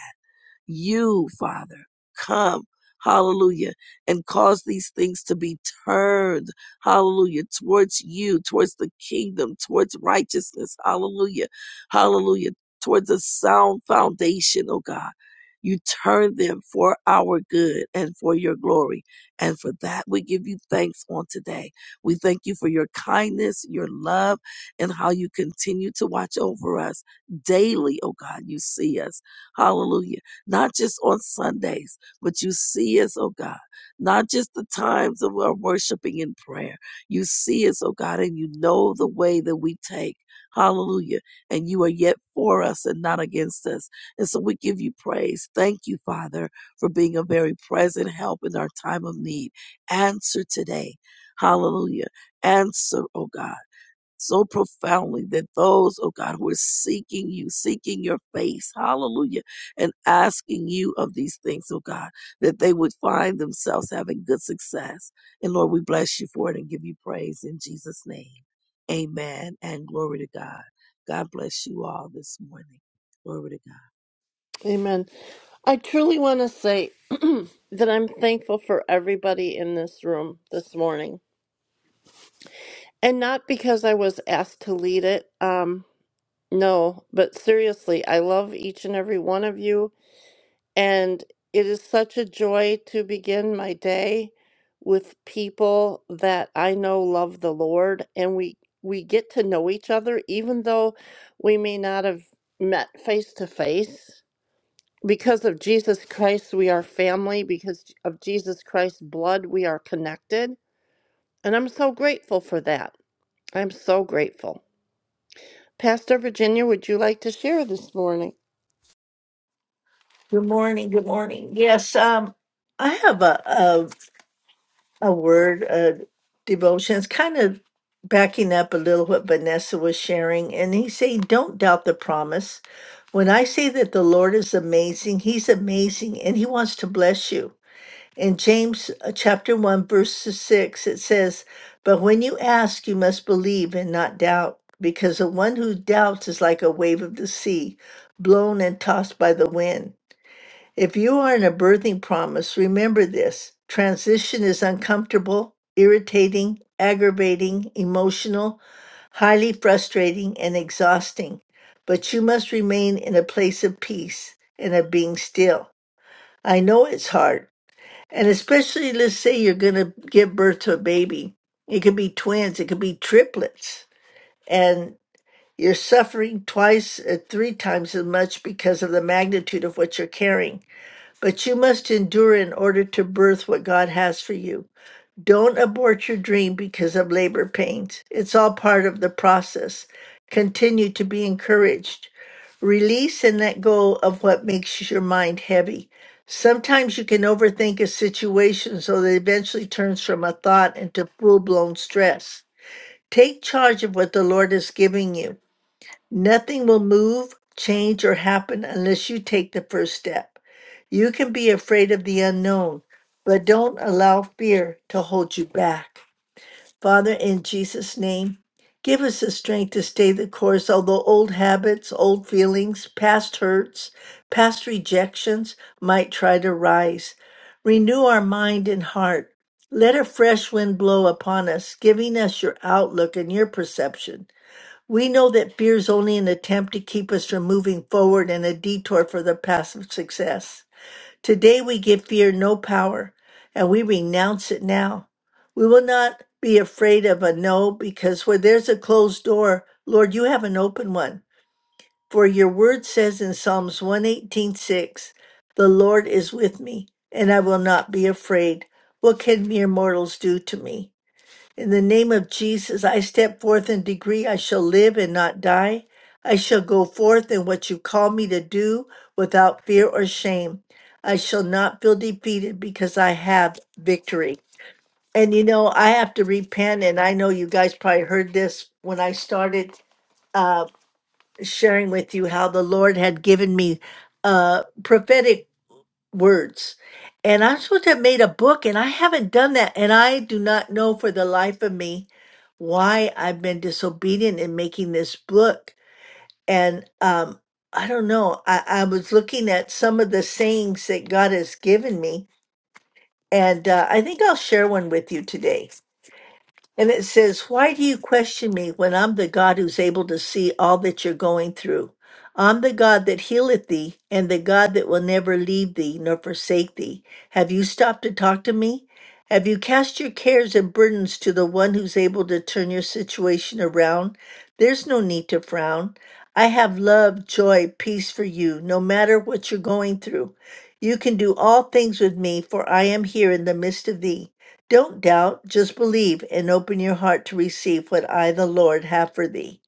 [SPEAKER 5] You, Father, come, hallelujah, and cause these things to be turned, hallelujah, towards you, towards the kingdom, towards righteousness, hallelujah, hallelujah, towards a sound foundation, oh God. You turn them for our good and for your glory. And for that, we give you thanks on today. We thank you for your kindness, your love, and how you continue to watch over us daily. Oh God, you see us. Hallelujah not just on Sundays, but you see us, oh God, not just the times of our worshiping and prayer. You see us, oh God, and you know the way that we take. Hallelujah. And you are yet for us and not against us. And so we give you praise. Thank you, Father, for being a very present help in our time of need. Answer today. Hallelujah. Answer, oh God so profoundly that those, oh God, who are seeking you, seeking your face, hallelujah, and asking you of these things, oh God, that they would find themselves having good success. And Lord, we bless you for it and give you praise in Jesus' name. Amen and glory to God. God bless you all this morning. Glory to God.
[SPEAKER 2] Amen. I truly want to say that I'm thankful for everybody in this room this morning. And not because I was asked to lead it. Um no, but seriously, I love each and every one of you and it is such a joy to begin my day with people that I know love the Lord and we we get to know each other even though we may not have met face to face Because of Jesus Christ, we are family. Because of Jesus Christ's blood, we are connected. And I'm so grateful for that. I'm so grateful. Pastor Virginia, would you like to share this morning?
[SPEAKER 6] Good morning. Good morning. Yes, um, I have a a, a word uh, devotions, kind of backing up a little what Vanessa was sharing, and he saying, "Don't doubt the promise." When I say that the Lord is amazing, He's amazing, and He wants to bless you. In James uh, chapter one, verse six, it says, "But when you ask, you must believe and not doubt, because the one who doubts is like a wave of the sea, blown and tossed by the wind." If you are in a birthing promise, remember this transition is uncomfortable, irritating, aggravating, emotional, highly frustrating, and exhausting. But you must remain in a place of peace and of being still. I know it's hard. And especially, let's say you're going to give birth to a baby. It could be twins, it could be triplets. And you're suffering twice, uh, three times as much because of the magnitude of what you're carrying but you must endure in order to birth what God has for you. Don't abort your dream because of labor pains. It's all part of the process. Continue to be encouraged. Release and let go of what makes your mind heavy. Sometimes you can overthink a situation so that it eventually turns from a thought into full blown stress. Take charge of what the Lord is giving you. Nothing will move, change, or happen unless you take the first step. You can be afraid of the unknown, but don't allow fear to hold you back. Father, in Jesus' name, give us the strength to stay the course, although old habits, old feelings, past hurts, past rejections might try to rise. Renew our mind and heart. Let a fresh wind blow upon us, giving us your outlook and your perception. We know that fear is only an attempt to keep us from moving forward and a detour for the path of success. Today we give fear no power, and we renounce it now. We will not be afraid of a no because where there's a closed door, Lord, you have an open one. For your word says in Psalms 118:6, "The Lord is with me, and I will not be afraid. What can mere mortals do to me?" In the name of Jesus, I step forth and decree I shall live and not die. I shall go forth in what you call me to do without fear or shame. I shall not feel defeated because I have victory. And you know, I have to repent, and I know you guys probably heard this when I started uh, sharing with you how the Lord had given me a prophetic words. And I'm supposed to have made a book, and I haven't done that. And I do not know for the life of me why I've been disobedient in making this book. And um, I don't know. I, I was looking at some of the sayings that God has given me, and uh, I think I'll share one with you today. And it says, Why do you question me when I'm the God who's able to see all that you're going through? I'm the God that healeth thee, and the God that will never leave thee nor forsake thee. Have you stopped to talk to me? Have you cast your cares and burdens to the one who's able to turn your situation around? There's no need to frown. I have love, joy, peace for you, no matter what you're going through. You can do all things with me, for I am here in the midst of thee. Don't doubt, just believe and open your heart to receive what I, the Lord, have for thee.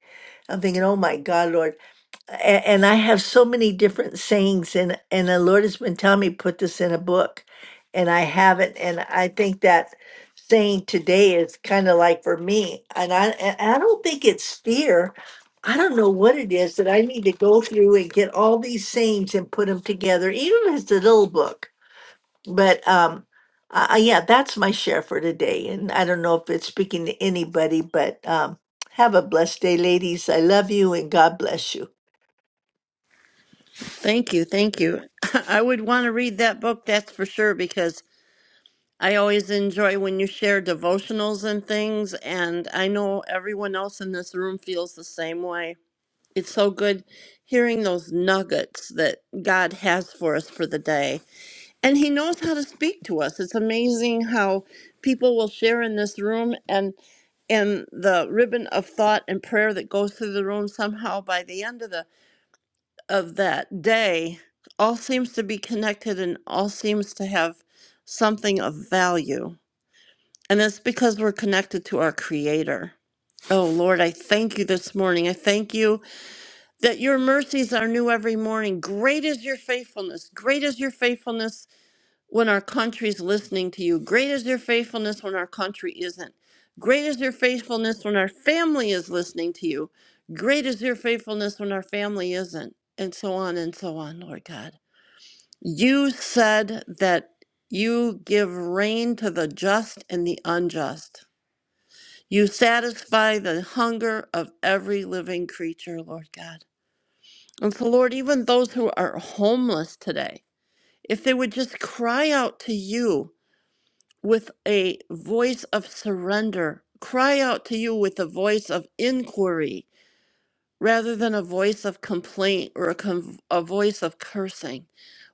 [SPEAKER 6] I'm thinking, oh my God, Lord. A- And I have so many different sayings, and, and the Lord has been telling me, put this in a book, and I haven't. And I think that saying today is kind of like for me, and I, and I don't think it's fear. I don't know what it is that I need to go through and get all these sayings and put them together, even if it's a little book. But um, uh, yeah, that's my share for today. And I don't know if it's speaking to anybody, but um, have a blessed day, ladies. I love you and God bless you.
[SPEAKER 2] Thank you, thank you. I would want to read that book, that's for sure, because I always enjoy when you share devotionals and things, and I know everyone else in this room feels the same way. It's so good hearing those nuggets that God has for us for the day. and he knows how to speak to us it's amazing how people will share in this room and and the ribbon of thought and prayer that goes through the room somehow by the end of the of that day all seems to be connected and all seems to have something of value and that's because we're connected to our creator oh lord i thank you this morning i thank you that your mercies are new every morning great is your faithfulness great is your faithfulness when our country's listening to you. Great is your faithfulness when our country isn't. Great is your faithfulness when our family is listening to you. Great is your faithfulness when our family isn't. And so on and so on, Lord God. You said that you give rain to the just and the unjust. You satisfy the hunger of every living creature, Lord God. And so, Lord, even those who are homeless today, if they would just cry out to you, with a voice of surrender, cry out to you with a voice of inquiry rather than a voice of complaint or a, con- a voice of cursing.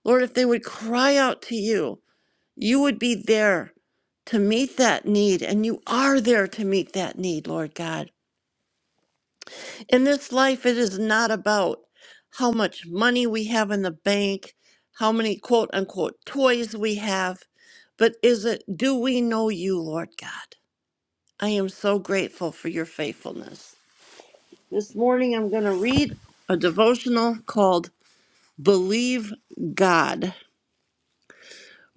[SPEAKER 2] Lord, if they would cry out to you, you would be there to meet that need, and you are there to meet that need, Lord God. In this life, it is not about how much money we have in the bank, how many quote unquote toys we have, but is it, do we know you, Lord God? I am so grateful for your faithfulness. This morning I'm going to read a devotional called Believe God.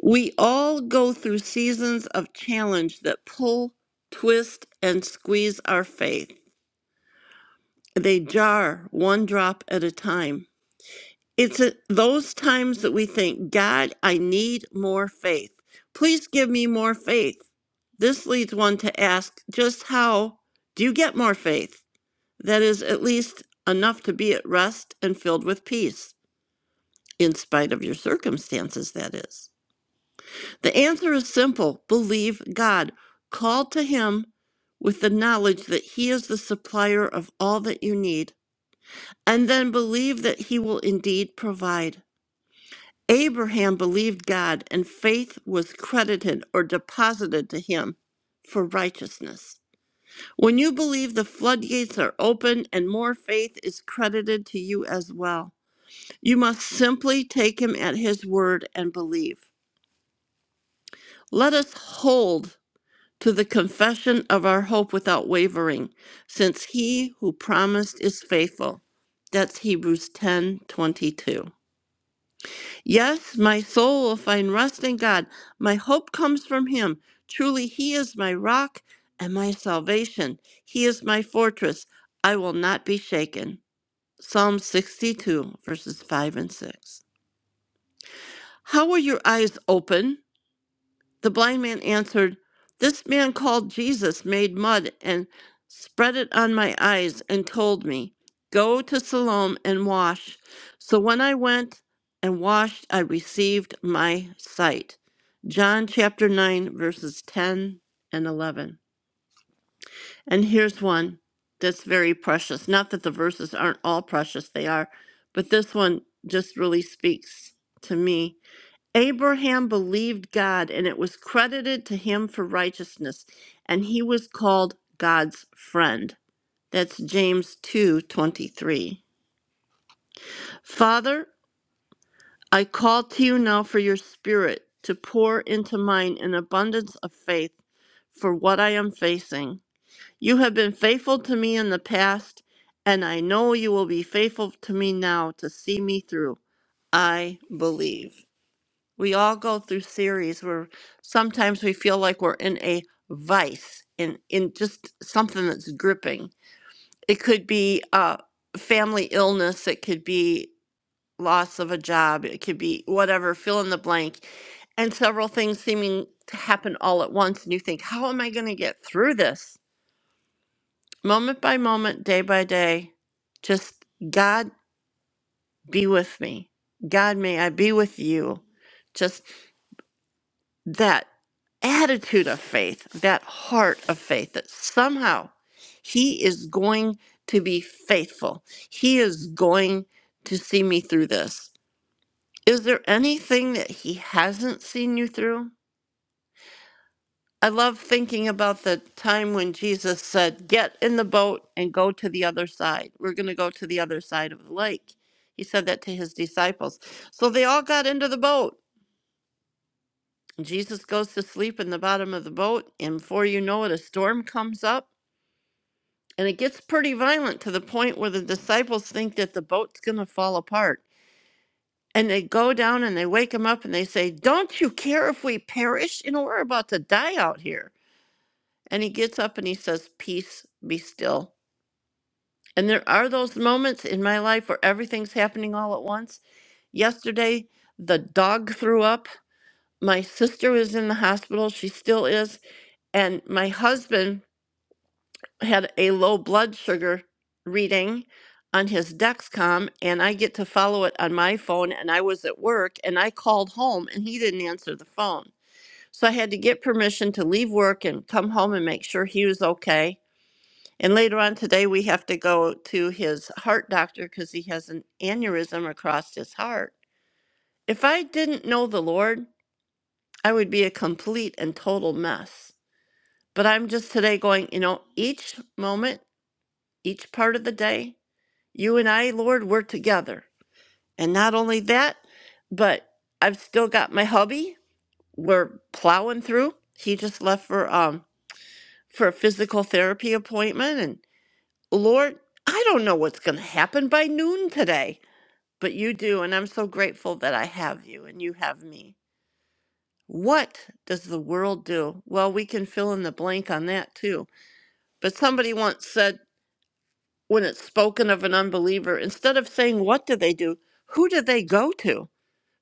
[SPEAKER 2] We all go through seasons of challenge that pull, twist, and squeeze our faith. They jar one drop at a time. It's at those times that we think, God, I need more faith. Please give me more faith. This leads one to ask, just how do you get more faith? that is at least enough to be at rest and filled with peace, in spite of your circumstances, that is. The answer is simple believe God, call to Him with the knowledge that He is the supplier of all that you need, and then believe that He will indeed provide. Abraham believed God, and faith was credited or deposited to him for righteousness. When you believe, the floodgates are open, and more faith is credited to you as well. You must simply take him at his word and believe. Let us hold to the confession of our hope without wavering, since he who promised is faithful. That's Hebrews 10:22. Yes, my soul will find rest in God. My hope comes from him. Truly he is my rock and my salvation. He is my fortress. I will not be shaken. Psalm 62 verses 5 and 6. How were your eyes open? The blind man answered, This man called Jesus made mud and spread it on my eyes and told me, 'Go to Siloam and wash. So when I went and washed, I received my sight. John chapter 9, verses 10 and 11. And here's one that's very precious. Not that the verses aren't all precious, they are, but this one just really speaks to me. Abraham believed God, and it was credited to him for righteousness, and he was called God's friend. That's James 2:23. Father, I call to you now for your spirit to pour into mine an abundance of faith for what I am facing. You have been faithful to me in the past, and I know you will be faithful to me now to see me through. I believe. We all go through series where sometimes we feel like we're in a vice, in, in just something that's gripping. It could be uh, family illness, it could be loss of a job, it could be whatever, fill in the blank, and several things seeming to happen all at once. And you think, how am I going to get through this? Moment by moment, day by day, just God be with me. God, may I be with you. Just. that attitude of faith, that heart of faith, that somehow He is going to be faithful. He is going to see me through this. Is there anything that He hasn't seen you through? I love thinking about the time when Jesus said, Get in the boat and go to the other side. We're going to go to the other side of the lake. He said that to his disciples. So they all got into the boat Jesus goes to sleep in the bottom of the boat, and before you know it, a storm comes up, and it gets pretty violent to the point where the disciples think that the boat's going to fall apart. And they go down and they wake him up and they say, Don't you care if we perish? You know, we're about to die out here. And he gets up and he says, Peace, be still. And there are those moments in my life where everything's happening all at once. Yesterday, the dog threw up. My sister was in the hospital. She still is. And my husband had a low blood sugar reading on his Dexcom, and I get to follow it on my phone. And I was at work, and I called home, and he didn't answer the phone. So I had to get permission to leave work and come home and make sure he was okay. And later on today, we have to go to his heart doctor because he has an aneurysm across his heart. If I didn't know the Lord, I would be a complete and total mess. But I'm just today going, you know, each moment, each part of the day, You and I, Lord, we're together. And not only that, but I've still got my hubby. We're plowing through. He just left for um for a physical therapy appointment and Lord, I don't know what's going to happen by noon today, but you do and I'm so grateful that I have you and you have me. What does the world do? Well, we can fill in the blank on that too. But somebody once said when it's spoken of an unbeliever, instead of saying what do they do, who do they go to?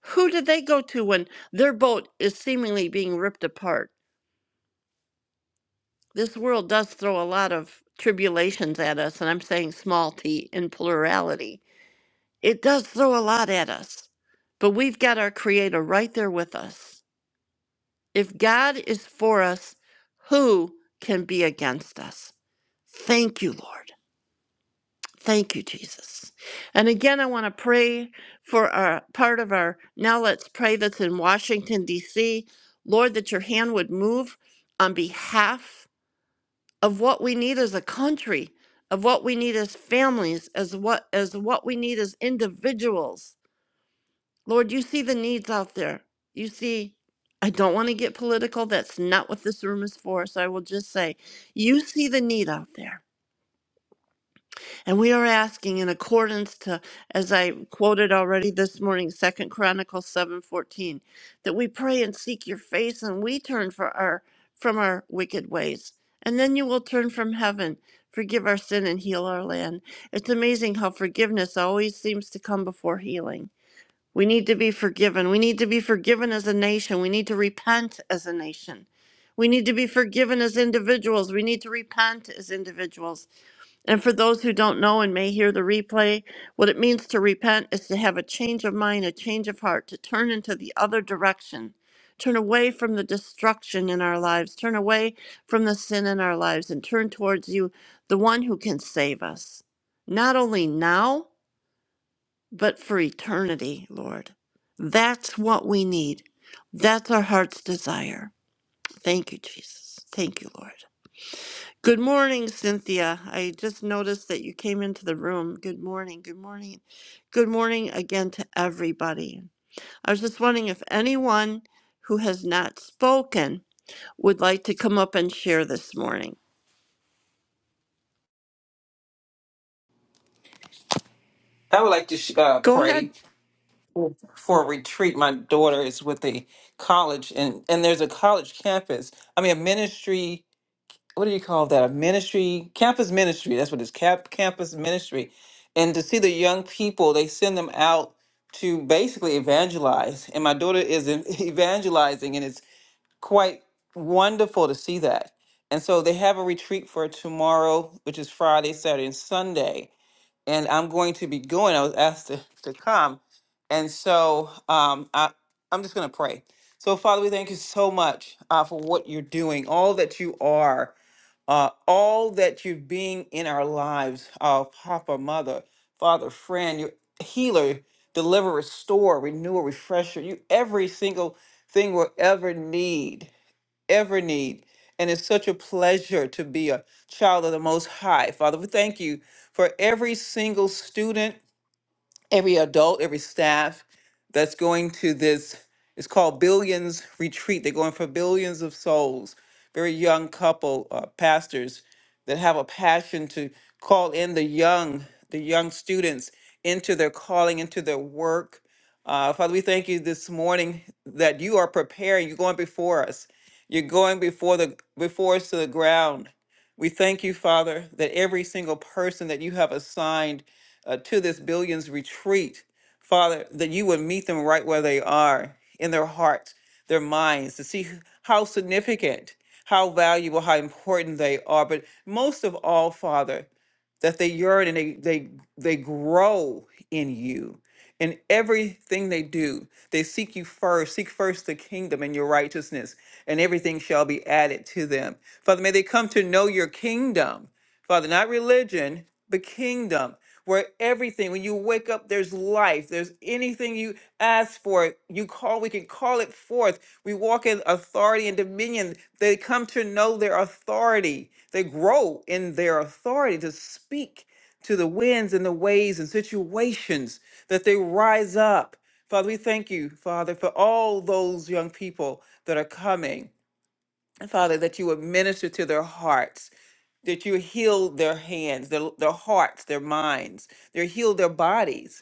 [SPEAKER 2] Who did they go to when their boat is seemingly being ripped apart? This world does throw a lot of tribulations at us, and I'm saying small t in plurality. It does throw a lot at us, but we've got our Creator right there with us. If God is for us, who can be against us? Thank you, Lord. Thank you, Jesus. And again, I want to pray for our part of our now let's pray that's in Washington, D.C. Lord, that your hand would move on behalf of what we need as a country, of what we need as families, as what as what we need as individuals. Lord, you see the needs out there. You see, I don't want to get political. That's not what this room is for. So I will just say, you see the need out there. And we are asking in accordance to, as I quoted already this morning, Second Chronicles seven fourteen, that we pray and seek your face and we turn for our from our wicked ways. And then you will turn from heaven, forgive our sin and heal our land. It's amazing how forgiveness always seems to come before healing. We need to be forgiven. We need to be forgiven as a nation. We need to repent as a nation. We need to be forgiven as individuals. We need to repent as individuals. And for those who don't know and may hear the replay, what it means to repent is to have a change of mind, a change of heart, to turn into the other direction, turn away from the destruction in our lives, turn away from the sin in our lives, and turn towards you, the one who can save us, not only now, but for eternity, Lord. That's what we need. That's our heart's desire. Thank you, Jesus. Thank you, Lord. Good morning, Cynthia. I just noticed that you came into the room. Good morning. Good morning. Good morning again to everybody. I was just wondering if anyone who has not spoken would like to come up and share this morning.
[SPEAKER 4] I would like to sh- uh,
[SPEAKER 2] Go ahead.
[SPEAKER 4] pray for a retreat. My daughter is with a college, and, and there's a college campus. I mean, a ministry. What do you call that? A ministry campus ministry. That's what it's cap campus ministry. And to see the young people, they send them out to basically evangelize. And my daughter is in- evangelizing, and it's quite wonderful to see that. And so they have a retreat for tomorrow, which is Friday, Saturday, and Sunday and I'm going to be going. I was asked to, to come. And so um, I, I'm just going to pray. So, Father, we thank you so much uh, for what you're doing, all that you are, uh, all that you're being in our lives, uh, Papa, Mother, Father, friend, your healer, deliverer, restorer, renewer, refresher, you every single thing we'll ever need ever need. And it's such a pleasure to be a child of the Most High. Father, we thank you for every single student every adult, every staff that's going to this, it's called Billions Retreat. They're going for billions of souls, very young couple uh, pastors that have a passion to call in the young, the young students into their calling, into their work. Uh, Father, we thank you this morning that you are preparing. You're going before us. You're going before the before us to the ground. We thank you, Father, that every single person that you have assigned uh, to this Billions Retreat, Father, that you would meet them right where they are in their hearts, their minds, to see how significant, how valuable, how important they are. But most of all, Father, that they yearn and they they they grow in you. In everything they do, they seek you first, seek first the kingdom and your righteousness, and everything shall be added to them. Father, may they come to know your kingdom. Father, not religion, but kingdom where everything when you wake up there's life there's anything you ask for you call we can call it forth we walk in authority and dominion they come to know their authority they grow in their authority to speak to the winds and the waves and situations that they rise up father we thank you father for all those young people that are coming and father that you would minister to their hearts that you heal their hands, their, their hearts, their minds, they heal their bodies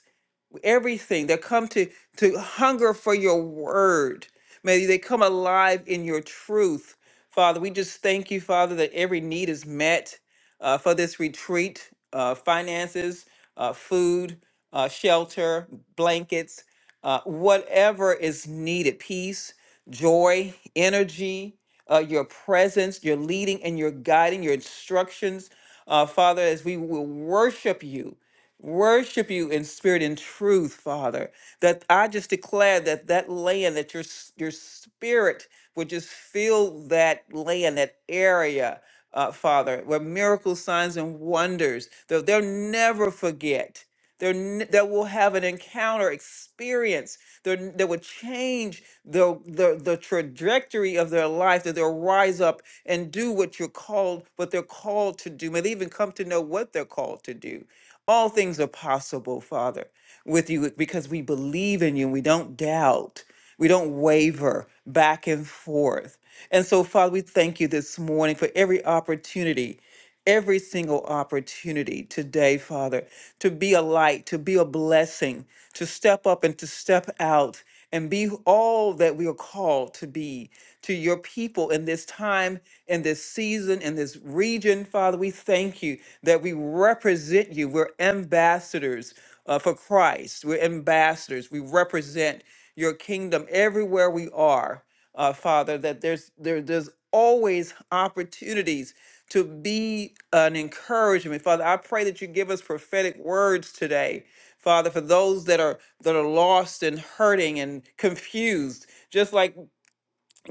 [SPEAKER 4] everything they come to to hunger for your word may they come alive in your truth father we just thank you father that every need is met uh, for this retreat uh, finances uh, food uh, shelter blankets uh, whatever is needed peace joy energy uh, your presence your leading and your guiding your instructions uh, father as we will worship you worship you in spirit and truth, Father. That I just declare that that land, that your s- your spirit would just fill that land, that area, uh, Father, where miracles, signs, and wonders that they'll never forget. They're, that will have an encounter experience that, that would change the, the, the trajectory of their life, that they'll rise up and do what you're called, what they're called to do. May they even come to know what they're called to do. All things are possible, Father, with you because we believe in you and we don't doubt. We don't waver back and forth. And so, Father, we thank you this morning for every opportunity every single opportunity today, Father, to be a light, to be a blessing, to step up and to step out and be all that we are called to be to your people in this time, in this season, in this region. Father, we thank you that we represent you. We're ambassadors uh, for Christ, we're ambassadors. We represent your kingdom everywhere we are. Uh, Father, that there's there, there's always opportunities to be an encouragement. Father, I pray that you give us prophetic words today. Father, for those that are that are lost and hurting and confused, just like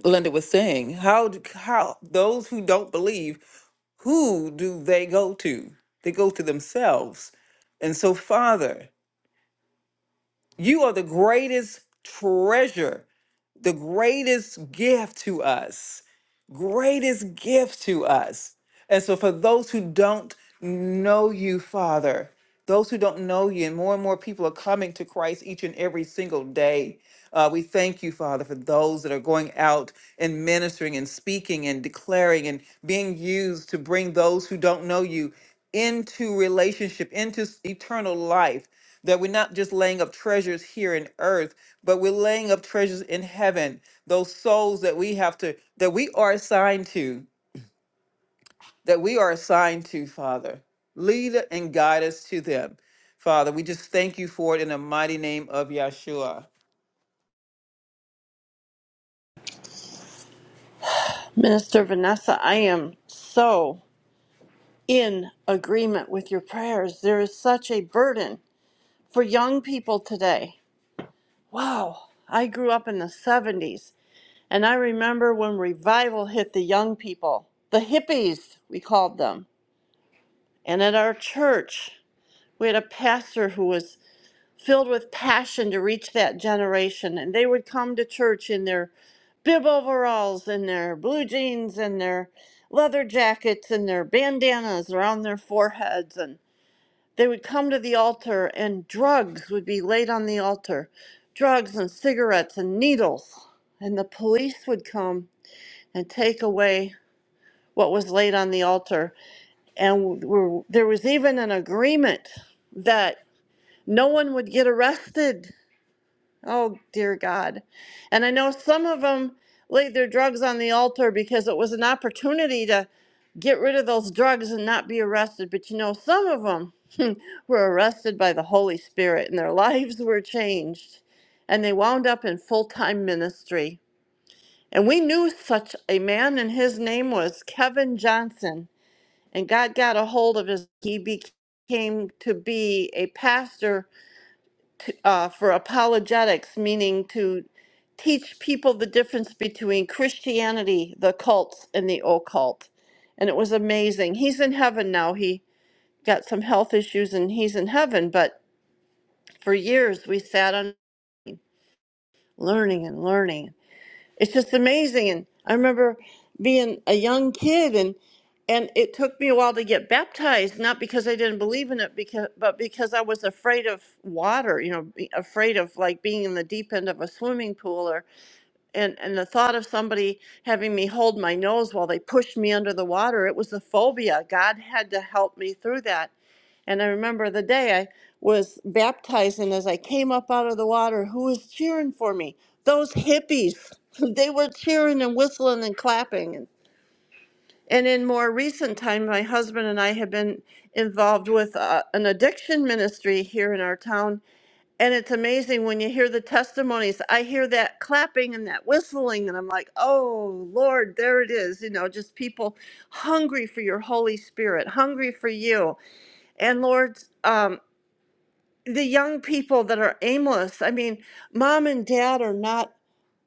[SPEAKER 4] Linda was saying, how d- how those who don't believe, who do they go to? They go to themselves. And so, Father, you are the greatest treasure, the greatest gift to us, greatest gift to us. And so, for those who don't know you, Father, those who don't know you, and more and more people are coming to Christ each and every single day. Uh, we thank you, Father, for those that are going out and ministering and speaking and declaring and being used to bring those who don't know you into relationship, into s- eternal life. That we're not just laying up treasures here in earth, but we're laying up treasures in heaven. Those souls that we have to, that we are assigned to that we are assigned to, Father. Lead and guide us to them, Father. We just thank you for it in the mighty name of Yahshua.
[SPEAKER 2] Minister Vanessa, I am so in agreement with your prayers. There is such a burden for young people today. Wow. I grew up in the 70s And I remember when revival hit the young people, the hippies, we called them. And at our church, we had a pastor who was filled with passion to reach that generation. And they would come to church in their bib overalls and their blue jeans and their leather jackets and their bandanas around their foreheads. And they would come to the altar, and drugs would be laid on the altar drugs and cigarettes and needles. And the police would come and take away what was laid on the altar. And we there was even an agreement that no one would get arrested. Oh, dear God. And I know some of them laid their drugs on the altar because it was an opportunity to get rid of those drugs and not be arrested. But you know, some of them were arrested by the Holy Spirit and their lives were changed. And they wound up in full time ministry. And we knew such a man, and his name was Kevin Johnson. And God got a hold of his. He became to be a pastor to, uh, for apologetics, meaning to teach people the difference between Christianity, the cults, and the occult. And it was amazing. He's in heaven now. He got some health issues, and he's in heaven. But for years, we sat on learning and learning it's just amazing and i remember being a young kid and and it took me a while to get baptized not because i didn't believe in it because but because i was afraid of water you know be- afraid of like being in the deep end of a swimming pool or and and the thought of somebody having me hold my nose while they pushed me under the water it was a phobia god had to help me through that and I remember the day I was baptized, and as I came up out of the water, who was cheering for me? Those hippies. They were cheering and whistling and clapping. And, in more recent time, my husband and I have been involved with uh, an addiction ministry here in our town. And it's amazing when you hear the testimonies. I hear that clapping and that whistling, and I'm like, oh, Lord, there it is. You know, just people hungry for your Holy Spirit, hungry for you. And Lord, um, the young people that are aimless. I mean, mom and dad are not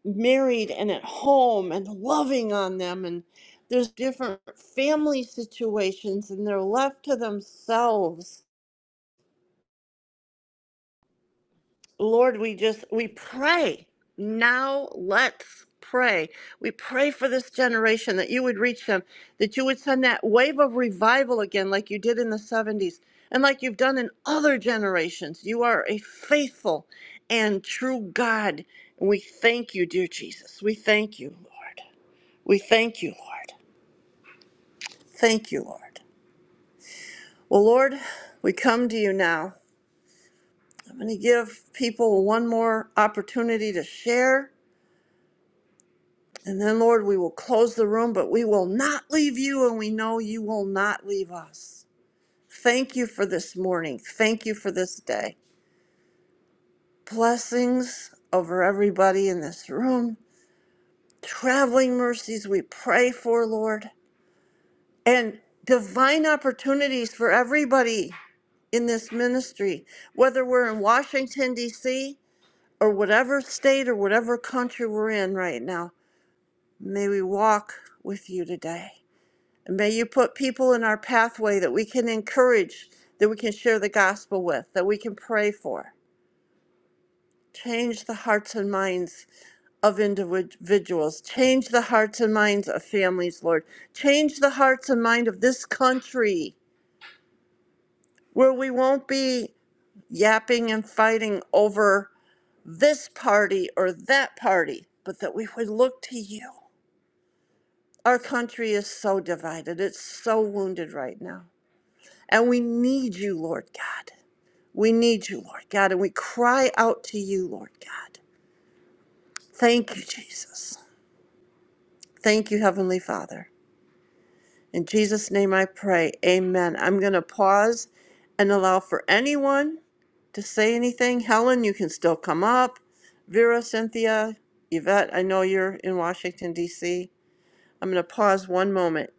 [SPEAKER 2] married and at home and loving on them and there's different family situations and they're left to themselves Lord, we just we pray. Now let's pray. We pray for this generation that you would reach them, that you would send that wave of revival again like you did in the 70s and like you've done in other generations. You are a faithful and true God. And we thank you, dear Jesus. We thank you, Lord. We thank you, Lord. Thank you, Lord. Well, Lord, we come to you now. I'm going to give people one more opportunity to share. And then, Lord, we will close the room, but we will not leave you, and we know you will not leave us. Thank you for this morning. Thank you for this day. Blessings over everybody in this room. Traveling mercies we pray for, Lord, and divine opportunities for everybody in this ministry, whether we're in Washington, D.C., or whatever state or whatever country we're in right now. May we walk with you today. And may you put people in our pathway that we can encourage, that we can share the gospel with, that we can pray for. Change the hearts and minds of individuals. Change the hearts and minds of families, Lord. Change the hearts and mind of this country where we won't be yapping and fighting over this party or that party, but that we would look to you. Our country is so divided. It's so wounded right now. And we need you, Lord God. We need you, Lord God, and we cry out to you, Lord God. Thank you, Jesus. Thank you, Heavenly Father. In Jesus' name I pray. Amen. I'm going to pause and allow for anyone to say anything. Helen, you can still come up. Vera, Cynthia, Yvette, I know you're in Washington, D.C. I'm going to pause one moment.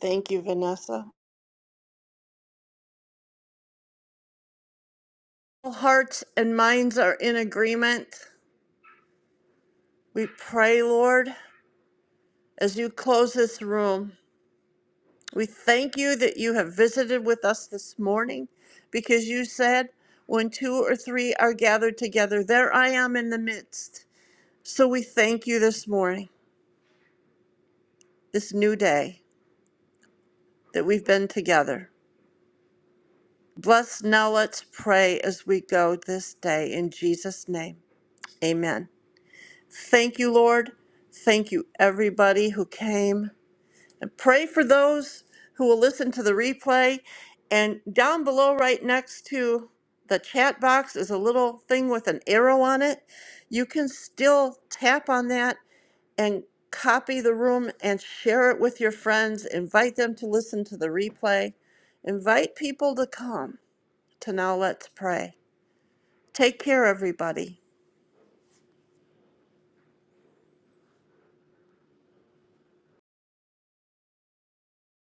[SPEAKER 2] Thank you, Vanessa. All Hearts and minds are in agreement. We pray, Lord. as you close this room, we thank you that you have visited with us this morning because you said, when two or three are gathered together, there I am in the midst. So we thank you this morning, this new day that we've been together. Bless now, let's pray as we go this day in Jesus' name. Amen. Thank you, Lord. Thank you, everybody who came. pray for those who will listen to the replay. And down below, right next to the chat box, is a little thing with an arrow on it. You can still tap on that and copy the room and share it with your friends. Invite them to listen to the replay. Invite people to come to Now Let's Pray. Take care, everybody.